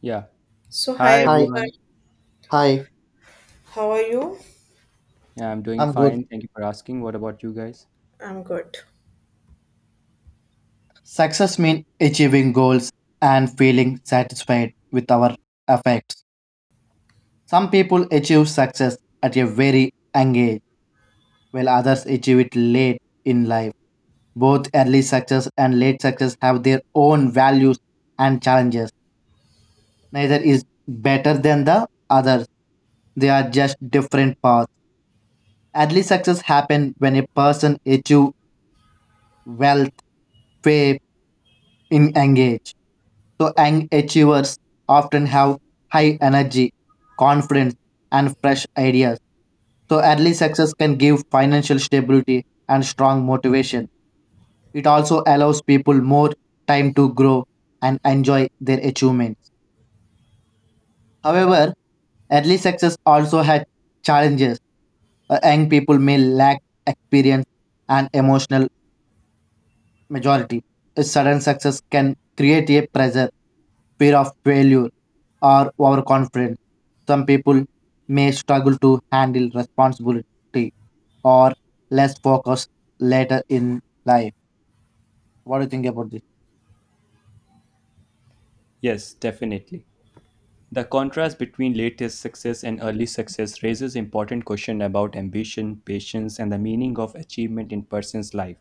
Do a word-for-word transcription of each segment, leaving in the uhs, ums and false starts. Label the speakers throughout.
Speaker 1: Yeah.
Speaker 2: So, hi
Speaker 1: Hi
Speaker 3: Hi,
Speaker 2: everyone,
Speaker 1: everyone.
Speaker 3: hi,
Speaker 2: how are you?
Speaker 1: Yeah, I'm doing
Speaker 3: I'm good.
Speaker 1: fine. Thank you for asking. What about you guys?
Speaker 2: I'm good.
Speaker 3: Success means achieving goals and feeling satisfied with our efforts. Some people achieve success at a very young age, while others achieve it late in life. Both early success and late success have their own values and challenges. Neither is better than the other. They are just different paths. Early success happens when a person achieves wealth, fame, in engage. So, young achievers often have high energy, confidence, and fresh ideas. So, early success can give financial stability and strong motivation. It also allows people more time to grow and enjoy their achievements. However, early success also has challenges. Uh, young people may lack experience and emotional majority. A sudden success can create a pressure, fear of failure, or overconfidence. Some people may struggle to handle responsibility or less focus later in life. What do you think about this?
Speaker 1: Yes, definitely. The contrast between latest success and early success raises important question about ambition, patience, and the meaning of achievement in person's life.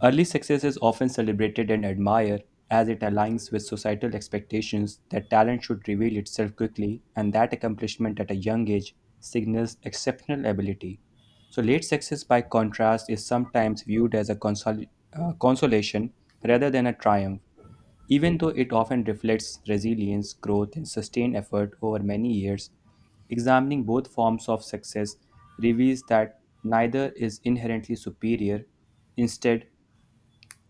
Speaker 1: Early success is often celebrated and admired as it aligns with societal expectations that talent should reveal itself quickly and that accomplishment at a young age signals exceptional ability. So, late success, by contrast, is sometimes viewed as a consol- uh, consolation rather than a triumph, even though it often reflects resilience, growth, and sustained effort over many years. Examining both forms of success reveals that neither is inherently superior. Instead,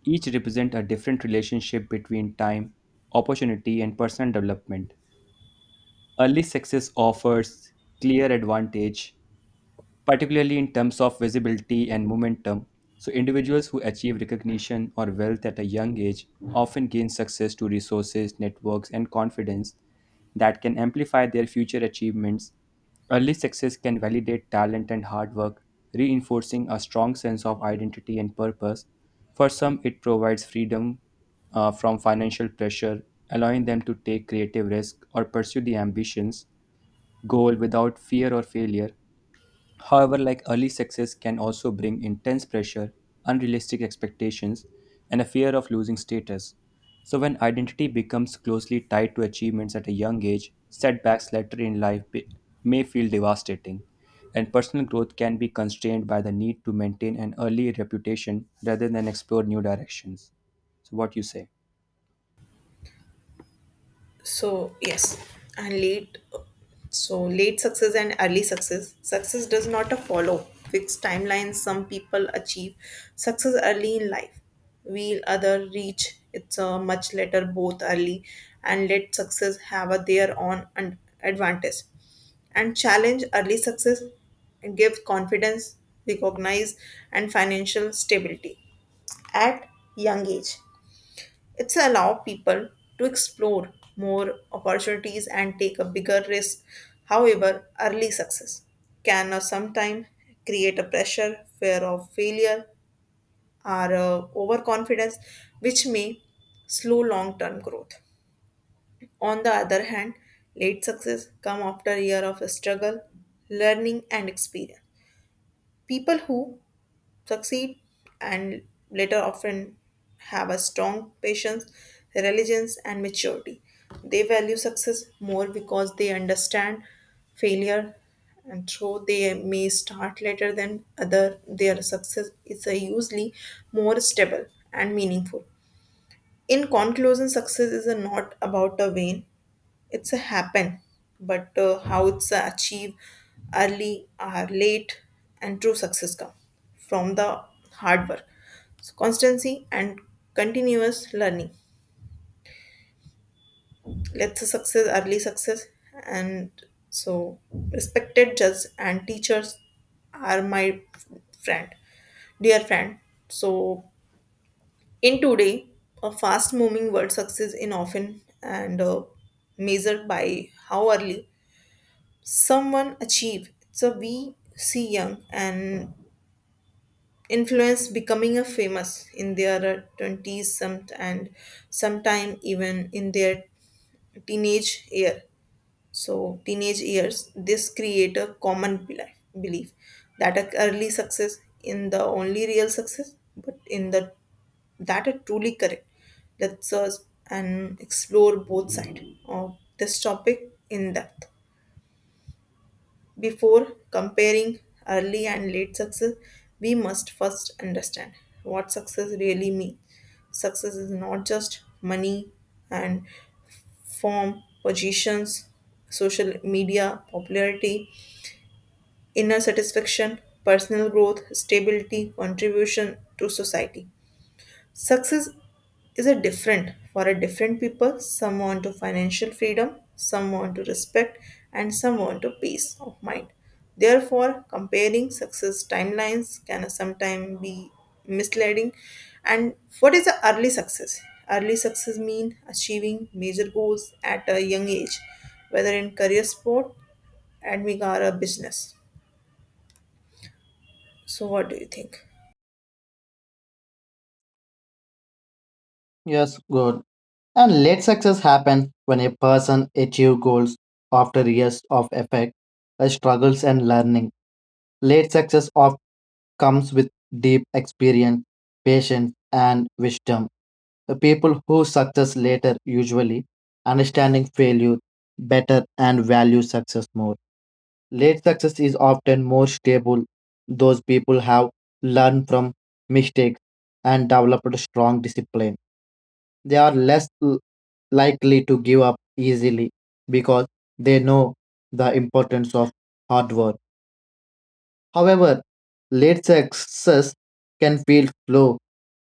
Speaker 1: each represent a different relationship between time, opportunity, and personal development. Early success offers clear advantage particularly in terms of visibility and momentum. So, individuals who achieve recognition or wealth at a young age often gain success to resources, networks, and confidence that can amplify their future achievements. Early success can validate talent and hard work, reinforcing a strong sense of identity and purpose. For some, it provides freedom uh, from financial pressure, allowing them to take creative risk or pursue the ambitions goal without fear or failure. However, like early success can also bring intense pressure, unrealistic expectations, and a fear of losing status. So, when identity becomes closely tied to achievements at a young age, setbacks later in life be- may feel devastating, and personal growth can be constrained by the need to maintain an early reputation rather than explore new directions. So, what you say?
Speaker 2: So, yes, and late. So, late success and early success. Success does not follow fixed timelines. Some people achieve success early in life, while others reach it's a much later, both early and late success have a their own un- advantage and challenge early success and give confidence, recognize, and financial stability at young age. It's allow people to explore more opportunities and take a bigger risk. However, early success can uh, sometimes create a pressure, fear of failure, or uh, overconfidence, which may slow long-term growth. On the other hand, late success come after a year of struggle, learning, and experience. People who succeed and later often have a strong patience, religions, and maturity. They value success more because they understand failure and though they may start later than other their success is uh, usually more stable and meaningful in conclusion success is uh, not about a win it's a happen but uh, how it's a achieve early or late and true success come from the hard work so constancy and continuous learning let's say success early success and so respected judge and teachers are my friend dear friend so in today a fast moving world success in often and uh, measured by how early someone achieve. So we see young and influence becoming a famous in their uh, twenties, some and sometime even in their teenage year. So teenage years, this create a common beli- belief that a early success in the only real success, but in the that are truly correct. Let's search and explore both sides of this topic in depth. Before comparing early and late success, we must first understand what success really means. Success is not just money and form, positions, social media, popularity, inner satisfaction, personal growth, stability, contribution to society. Success is a different for a different people. Some want to financial freedom, some want to respect, and some want to peace of mind. Therefore, comparing success timelines can sometimes be misleading. And what is the early success? Early success mean achieving major goals at a young age, whether in career, sport, admin or a business. So, what do you think?
Speaker 3: Yes, good. And late success happens when a person achieves goals after years of effort, uh, struggles, and learning. Late success often comes with deep experience, patience, and wisdom. The people who success later usually understanding failure better and value success more. Late success is often more stable. Those people have learned from mistakes and developed strong discipline. They are less l- likely to give up easily because they know the importance of hard work. However, late success can feel slow,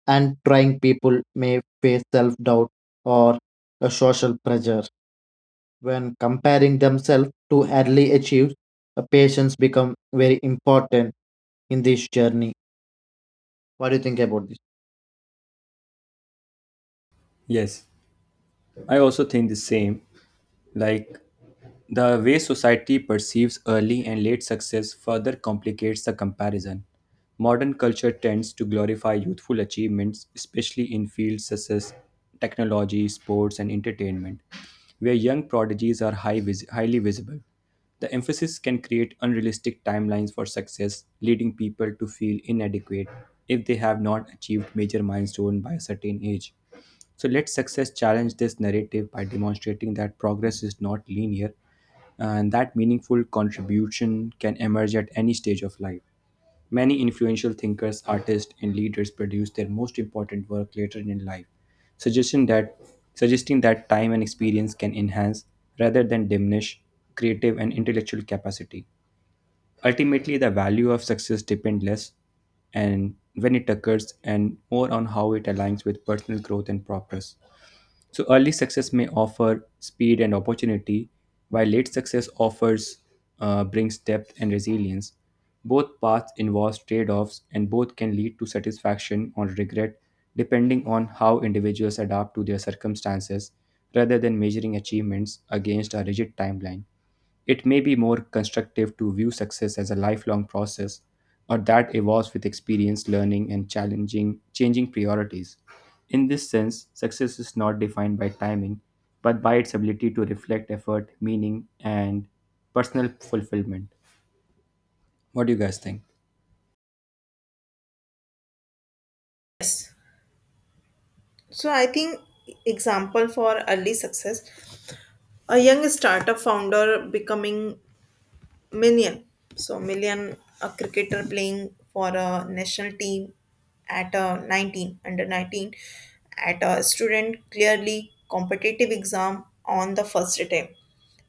Speaker 3: and trying people may face self doubt or a social pressure. When comparing themselves to early achieved, uh, patience become very important in this journey. What do you think about this?
Speaker 1: Yes, I also think the same. Like, the way society perceives early and late success further complicates the comparison. Modern culture tends to glorify youthful achievements, especially in fields such as technology, sports, and entertainment, where young prodigies are high vis- highly visible. The emphasis can create unrealistic timelines for success, leading people to feel inadequate if they have not achieved major milestone by a certain age. So let success challenge this narrative by demonstrating that progress is not linear and that meaningful contribution can emerge at any stage of life. Many influential thinkers, artists, and leaders produce their most important work later in life, suggesting that suggesting that time and experience can enhance rather than diminish creative and intellectual capacity. Ultimately, the value of success depends less and when it occurs and more on how it aligns with personal growth and progress. So early success may offer speed and opportunity, while late success offers uh, brings depth and resilience. Both paths involve trade-offs, and both can lead to satisfaction or regret, depending on how individuals adapt to their circumstances, rather than measuring achievements against a rigid timeline. It may be more constructive to view success as a lifelong process or that evolves with experience, learning, and challenging changing priorities. In this sense, success is not defined by timing, but by its ability to reflect effort, meaning, and personal fulfillment. What do you guys think?
Speaker 2: So, I think example for early success a young startup founder becoming million so million a cricketer playing for a national team at a nineteen under nineteen at a student clearly competitive exam on the first attempt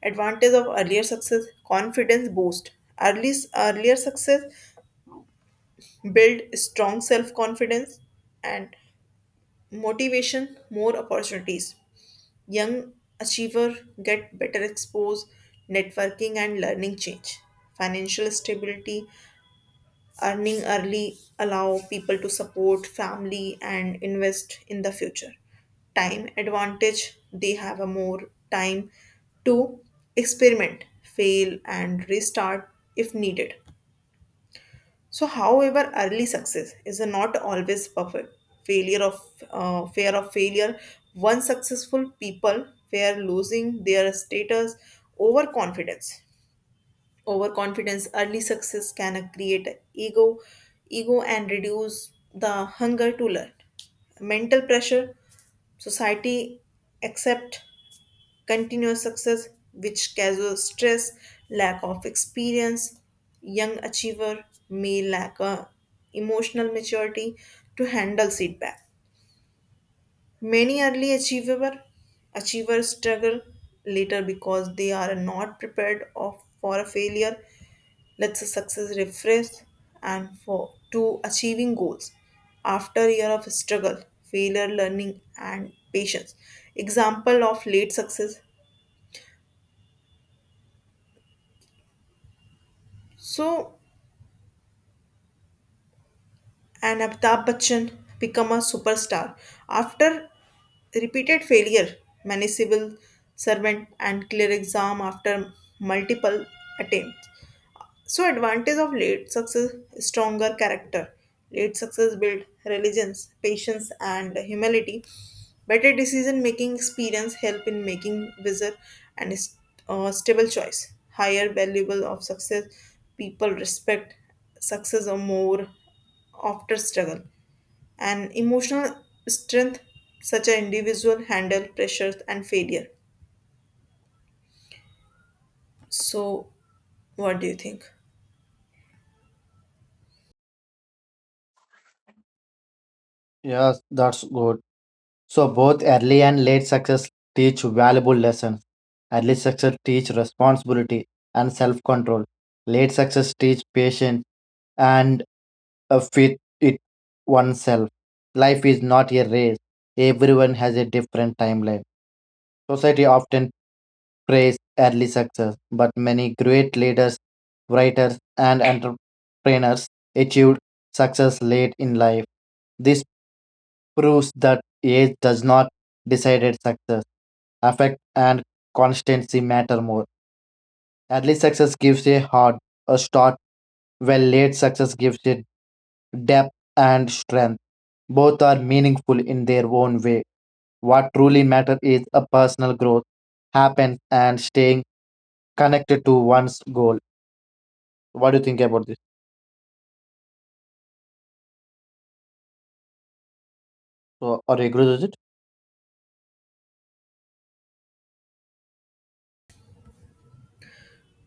Speaker 2: advantage of earlier success confidence boost early earlier success build strong self confidence and motivation more opportunities Young achiever get better exposure, networking and learning change. Financial stability, earning early allow people to support family and invest in the future. Time advantage, they have a more time to experiment, fail and restart if needed. So, however, early success is not always perfect. Failure of uh, fear of failure. Once successful people fear losing their status. Overconfidence. Overconfidence. Early success can create ego, ego, and reduce the hunger to learn. Mental pressure. Society accept continuous success, which casual stress, lack of experience, young achiever may lack a emotional maturity to handle feedback. Many early achiever achievers struggle later because they are not prepared of, for a failure. Let's say success refresh and for to achieving goals after year of struggle, failure, learning, and patience. Example of late success. So and Amitabh Bachchan become a superstar after repeated failure, many civil servant and clear exam after multiple attempts. So advantage of late success stronger character. Late success build religions, patience and humility. Better decision making experience help in making wiser and st- uh, stable choice. Higher valuable of success people respect success or more after struggle. And emotional strength such an individual handle pressures and failure. So what do you think?
Speaker 3: Yes, that's good. So both early and late success teach valuable lessons. Early success teach responsibility and self-control. Late success teach patience and uh, fit it oneself. Life is not a race. Everyone has a different timeline. Society often praise early success, but many great leaders, writers, and entrepreneurs achieved success late in life. This proves that age does not decide success. Affect and constancy matter more. Early success gives a hard a start, while late success gives it depth and strength. Both are meaningful in their own way. What truly matters is a personal growth happens and staying connected to one's goal. What do you think about this? So, are you agree with it?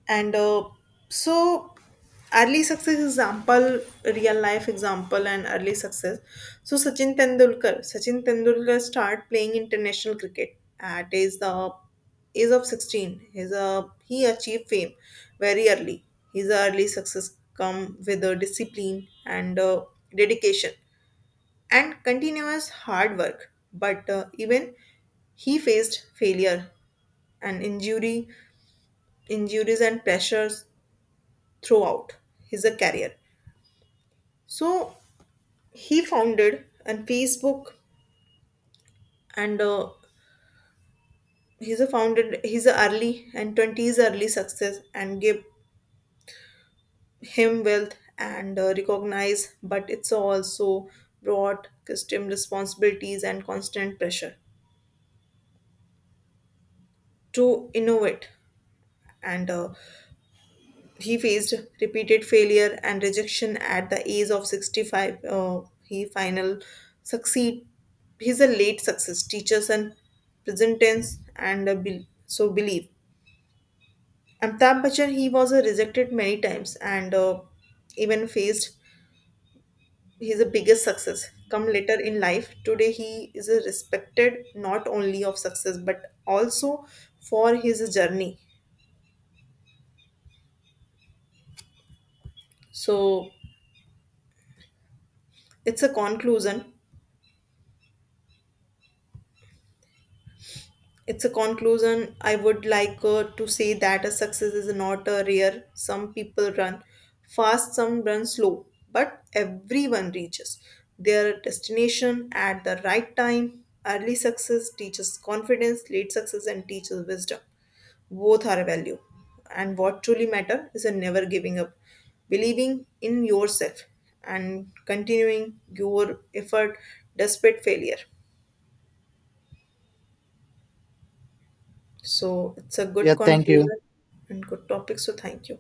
Speaker 2: And uh, so early success example real life example and early success so sachin tendulkar Sachin Tendulkar start playing international cricket at is the age of sixteen he's a he achieved fame very early his early success come with a discipline and uh, dedication and continuous hard work but uh, even he faced failure and injury injuries and pressures throughout his uh, career. So he founded and Facebook and uh, he's a founded his early and twenties early success and gave him wealth and uh, recognize but it's also brought custom responsibilities and constant pressure to innovate and uh, he faced repeated failure and rejection at the age of sixty-five. Uh, he final succeed. He's a late success. Teachers and present tense and uh, bel- so believe. Amitabh Bachchan he was uh, rejected many times and uh, even faced his biggest success come later in life. Today he is uh, respected not only of success but also for his journey. So it's a conclusion it's a conclusion I would like uh, to say that a success is not a rare some people run fast some run slow but everyone reaches their destination at the right time early success teaches confidence late success and teaches wisdom both are a value and what truly matter is a never giving up believing in yourself and continuing your effort despite failure. So it's a good
Speaker 3: Yeah, thank you.
Speaker 2: conclusion and good topic. So thank you.